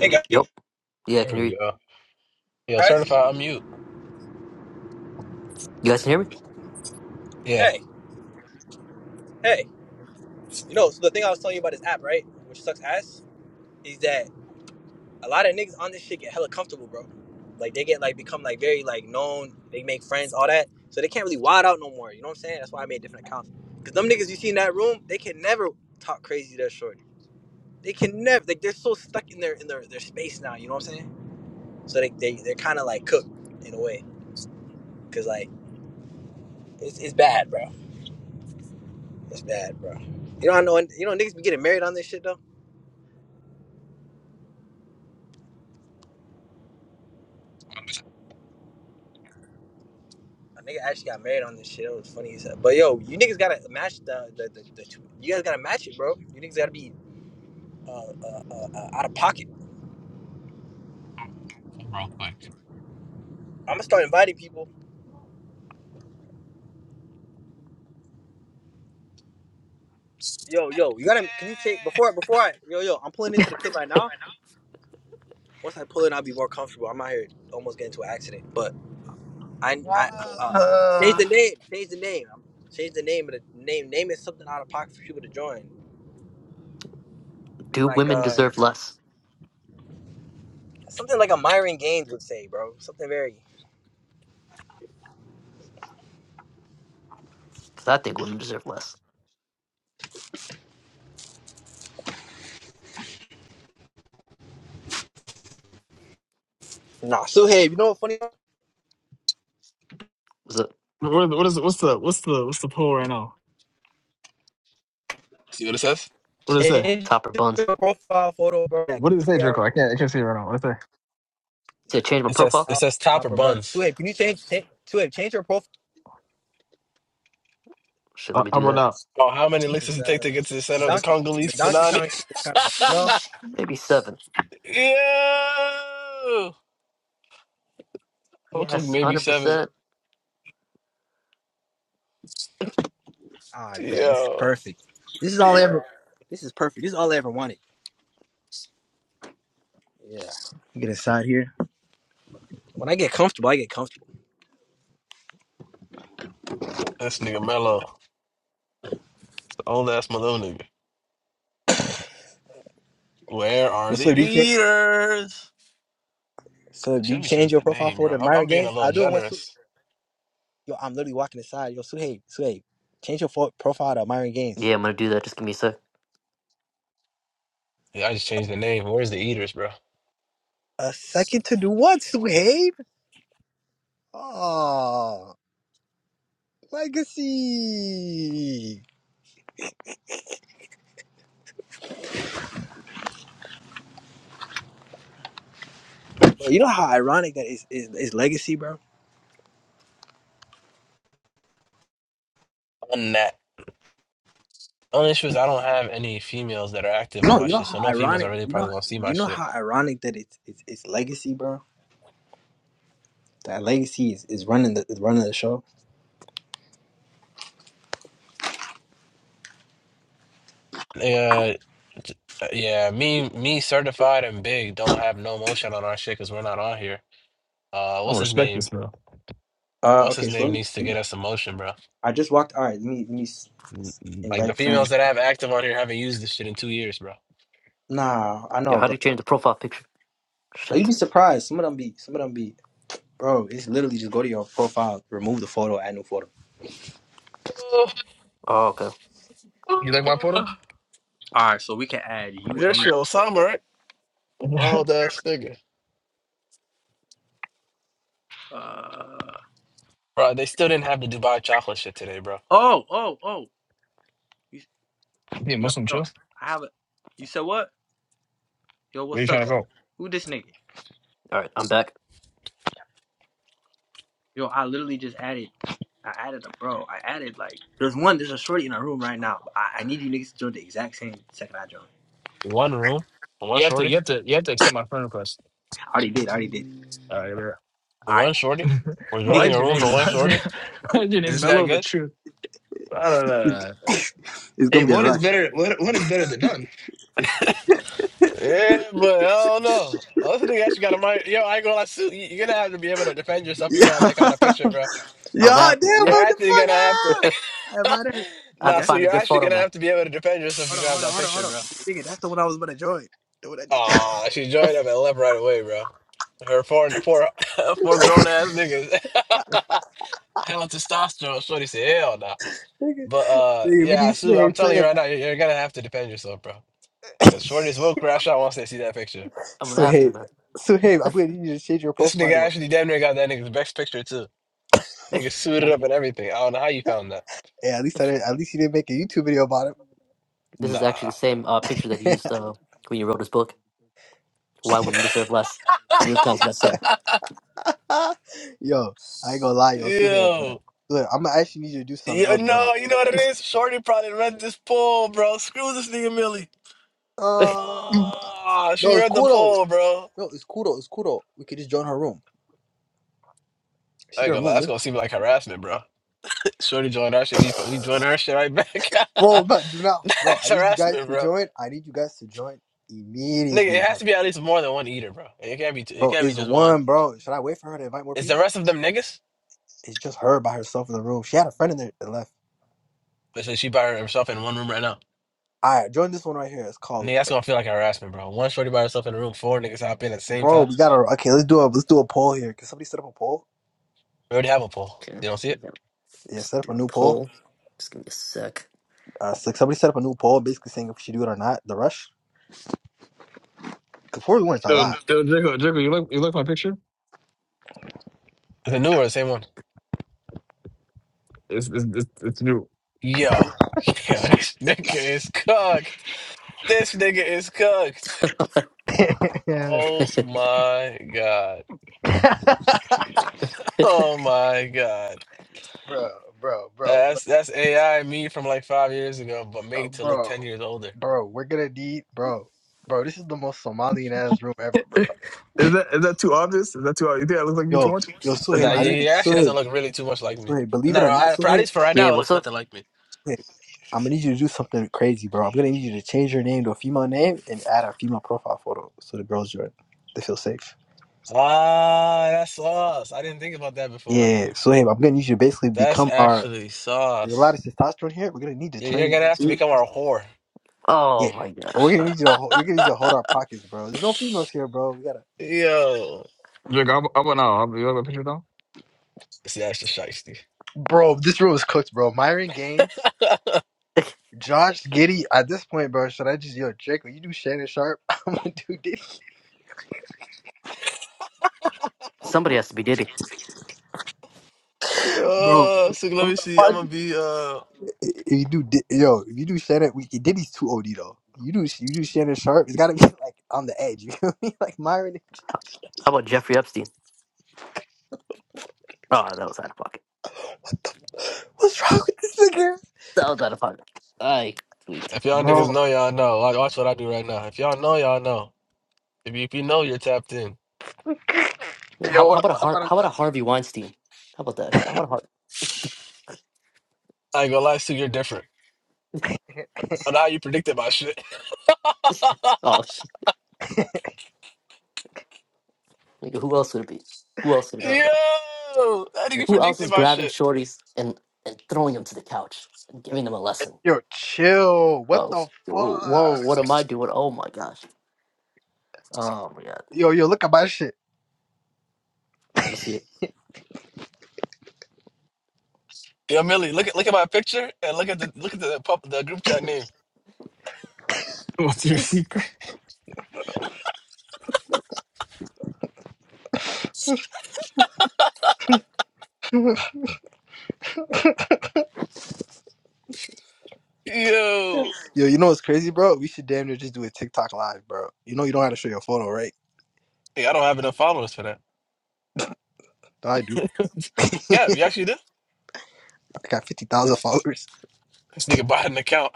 Hey Yep. Yeah, I There can hear you. we go. Yo, guys. certified unmute. You guys can hear me? Yeah. Hey, hey. You know, so the thing I was telling you about this app, right? Which sucks ass, is that a lot of niggas on this shit get hella comfortable, bro. Like they get like become like very like known, they make friends, all that. So they can't really wild out no more. You know what I'm saying? That's why I made different accounts. Cause them niggas you see in that room, they can never talk crazy to a shorty. They can never like they're so stuck in their in their, their space now, you know what I'm saying? So they, they they're kinda like cooked in a way. Cause like it's it's bad, bro. It's bad, bro. You know I know you know niggas be getting married on this shit though? I'm just- A nigga actually got married on this shit. It was funny as hell. But yo, you niggas gotta match the the, the, the you guys gotta match it, bro. You niggas gotta be uh, uh, uh, uh, out of pocket. I'm Real quick. I'm gonna start inviting people. Yo, yo, you gotta can you change before before I yo yo I'm pulling into the crib right now. Once I pull in, I'll be more comfortable. I'm out here almost getting into an accident, but I I uh, change Uh, the name, change the name, change the name of the name. Name is something out of pocket for people to join. Be Do like women uh deserve less? something like a Myron Gaines would say, bro. Something very Because I think women deserve less. nah. So hey, you know what funny? Was it What, what is what's the what's the what's the poll right now? See what it says? What did it say? Change topper buns? your profile photo, bro. Yeah, What did it say, yeah, Jerko? I can't I can't see it right now. What did it say? Did I change my It says profile? it topper, says top or topper buns. buns. Suhaib, can you change? Change Suhaib, change your profile Shit, Uh, let me how do about that. now? Oh, how many licks because does it take to the get to the center of the donkey, the Congolese Donkey panani? Kong shit is kind of you Yeah, know. maybe seven. Yo, I'm gonna click Yes, maybe seven. 100%. Ah, bet this is Yo, perfect. This is all I ever. This is perfect. This is all I ever wanted. Yeah. Get inside here. When I get comfortable, I get comfortable. this nigga mellow, the old ass mellow nigga. Where Yo, are the Suhaib, do you change? eaters? So do Shit, let you me change change your the profile name, bro. photo to I'm, I'm Myron being a Gaines? little I do it once. Su- generous. Yo, I'm literally walking inside. Yo, Suhaib, Suhaib, change your fo- profile to Myron Gaines. Yeah, I'm going to do that. Just give me a sec. Yeah, I just changed the name. Where's the eaters, bro? A second to do what, Suhaib? Oh. Legacy. Bro, you know how ironic that is is, is legacy, bro. On that. Only issue is I don't have any females that are active on No, my you know shit, so how no females are ironic. really You probably know, gonna see do my you know shit. how ironic that it's it's, it's legacy, bro. That legacy is, is running the is running the show. Yeah, yeah. Me, me, certified and big don't have no motion on our shit because we're not on here. Uh, I what's don't his respect this, name? bro. Uh, What's okay, his so let name me, needs to let me- get us some motion, bro. I just walked. All right, let me let me s- s- Like the invite friends. females that I have active on here haven't used this shit in two years, bro. Nah, I Yo, know, how do bro. you change the profile picture? Like, you'd be Shit. surprised. Some of them be. Some of them be. Bro, it's literally just go to your profile, remove the photo, add new photo. Oh, okay. All You like my photo? All right, so we can add you Your and shit, Osama, right? Wild ass nigga. uh Bro, they still didn't have the Dubai chocolate shit today, bro. oh oh oh. Be a Yo, Muslim yo, too. I have a. You said what? Yo, Where you what's up? trying to go? Who this nigga? right, I'm back. Yo, I literally just added. I added a bro. I added like there's one. There's a shorty in our room right now. I, I need you niggas to join the exact same second I joined. One room, one You have to shorty, you have to you have to accept my friend request. I already did. I already did. All right, bro. All one right, shorty. We're Why joining is a your niggas, room for name one why is your, shorty. why is your name Is this guy Mellow the good? Truth? I don't know. it's Hey, gonna be a one is rush. better. One, one is better than none. Yeah, but I don't know. Oh, this nigga actually got a mind. Yo, I ain't gonna lie, Sue, you- You're gonna have to be able to defend yourself. You're gonna have that kind of picture, bro. Yeah, I'm going to yeah, have to. damn, You're bro, the actually fuck gonna have ah! to. I invited her. I have nah, to Nigga, so find a you're good actually photo, gonna man. have to be able to defend yourself. hold You're gonna on, have hold on, that hold on, hold picture, on. bro. Nigga, that's the one I was gonna join. The one I just Aw, she I'm joined up and left right away, bro. Her four, four, four grown ass niggas. Hell testosterone. Shorty said, hell nah. nigga, But uh, nigga, we yeah, need Sue, I'm Suhaib, telling you Suhaib, right now, you're, you're gonna have to defend yourself, bro. Because Shorty's will crash out once they see that picture. going to have to, Suhaib, man. Suhaib. I'm gonna need you need to change your This nigga profile. actually damn near got that nigga's best picture, too. Nigga suited up and everything. I don't know how you found that. Hey, at least I didn't, at least you didn't make a YouTube video about this is actually Nah. the same uh, picture that he used uh, when you wrote his book, Why him. Women Deserve Less. New York Times bestseller. yo, I ain't gonna lie, yo, Suhail, bro. Yo. Look, I'm gonna actually need you to do something Yeah, else, bro. no, you know what it is? Shorty probably read this poll, bro. Screw this nigga Millie. Mm. Uh, Ah, she no, it's read the cool though. poll, bro. No, it's cool though. It's cool though. We could just join her room. She I ain't didn't gonna lie, remove that's me. gonna seem like harassment, bro. Shorty joined our shit. We we joined our shit right back. Bro, but do not, bro. that's I need you guys harassment, to bro. join. I need you guys to join Nigga, immediately. it has Like, to be at least more than one eater, bro. It can't be two, it bro, can't be it's just one. one, bro. Should I wait for her to invite more Is the people? rest of them niggas? It's just her by herself in the room. She had a friend in there that left. Listen, she by herself in one room right now. All right, join this one right here. It's called. Nigga, that's gonna feel like harassment, bro. One shorty by herself in a room, four niggas hop in at the same Bro, time. we gotta okay. Let's do a let's do a poll here. Can somebody set up a poll? We already have a poll. okay. You don't see it? Yeah, Let's set up do a new a poll. poll. Just give me a sec. Uh, so somebody set up a new poll, basically saying if we should do it or not. The rush. Cause forty one is a lot. Dude, dude, Jacob, Jacob, you like you like my picture? The new one, the same one. It's it's it's, it's new. Yo, yeah, this nigga is cooked. This nigga is cooked. Oh my god. Oh my god. Yeah, bro, bro, bro, That's that's AI me from like five years ago, but bro, made to look bro, ten years older. bro. We're gonna need, bro, bro. This is the most Somalian ass room ever. is that is that too obvious? Is that too obvious? You think I look like you too Yo, much? yo, That's Suhaib, Nah, what I you yeah, think. need yeah, actually doesn't Suhaib, look really too much like me. Suhaib. No, Believe it no, or not, I, for- at Suhaib, least for right yeah, now, it what's looks up? nothing like me. Suhaib. I'm gonna need you to do something crazy, bro. I'm gonna need you to change your name to a female name and add a female profile photo so the girls join. They feel safe. Ah, that's sauce. I didn't think about that before. Yeah, so hey, I'm gonna need you to basically That's become our. actually There's a lot sauce. of testosterone here. We're gonna need to You- turn You're you gonna have to into. become our whore. Oh Yeah, my we're gosh. gonna Uh, need you to. Hold, we're gonna need you to hold our pockets, bro. There's no females here, bro. We gotta. Yo. Jacob, I'm, I'm an owl. You like my picture now? See, that's just shiesty. Bro, this room is cooked, bro. Myron Gaines, Josh Giddy. At this point, bro, should I just yo Drake? Will you do Shannon Sharp? I'm gonna do this, somebody has to be Diddy. bro. Uh, so let me see. I'm gonna be uh. If you do Di- yo, if you do Shannon, we, Diddy's too OD though. You do you do Shannon Sharp. It's gotta be like on the edge. You feel me? Like Myron, How about Jeffrey Epstein? Oh, that was out of pocket. what's wrong with this nigga, That was out of pocket. I tweaked. If y'all niggas bro? know, y'all know. Watch, watch what I do right now. If y'all know, y'all know. If you, if you know, you're tapped in. Yeah, how, Yo, how what about a Har- up? how about a Harvey Weinstein? How about that? How, how about a Harvey? I ain't gonna lie, Sue, you're different. I know how you predicted my shit. Oh, shit. Nigga, who else would it be? Who else would it Uh, be, bro? Yo, I think yeah. you Who else predicted is my grabbing shit. shorties and, and throwing them to the couch and giving them a lesson? Yo, chill. What Oh, the whoa, fuck? whoa, what am I doing? Oh my gosh. Oh my god. Yo, yo, look at my shit. I'm gonna see it. Yo, Millie, look at look at my picture and look at the look at the pub, the group chat name. What's your secret? Yo, Yo, you know what's crazy, bro? We should damn near just do a TikTok live, bro. You know you don't have to show your photo, right? hey, I don't have enough followers for that. No, I do. Yeah, I you actually do. got fifty thousand followers. This nigga bought an account.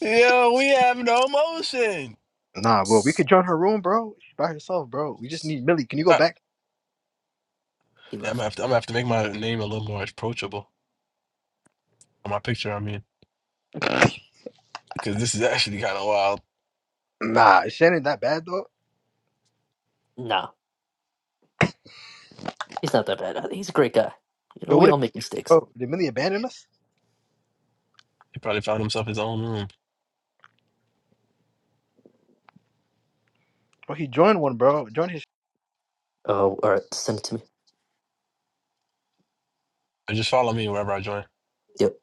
Yo, we have no motion. Nah, bro, we could join her room, bro. She's by herself, bro. We just need Millie. Can you go back? He Yeah, I'm gonna left. have to, I'm gonna have to make my name a little more approachable on my picture. I mean, because this is actually kind of wild. Nah, is Shannon that bad though? No. He's not that bad. He's a great guy. You know, Yo, we what if all make mistakes. bro, did Millie abandon us? He probably found himself his own room. Bro, he joined one, bro. Join his Oh, all right. Send it to me. But just follow me wherever I join. Yep.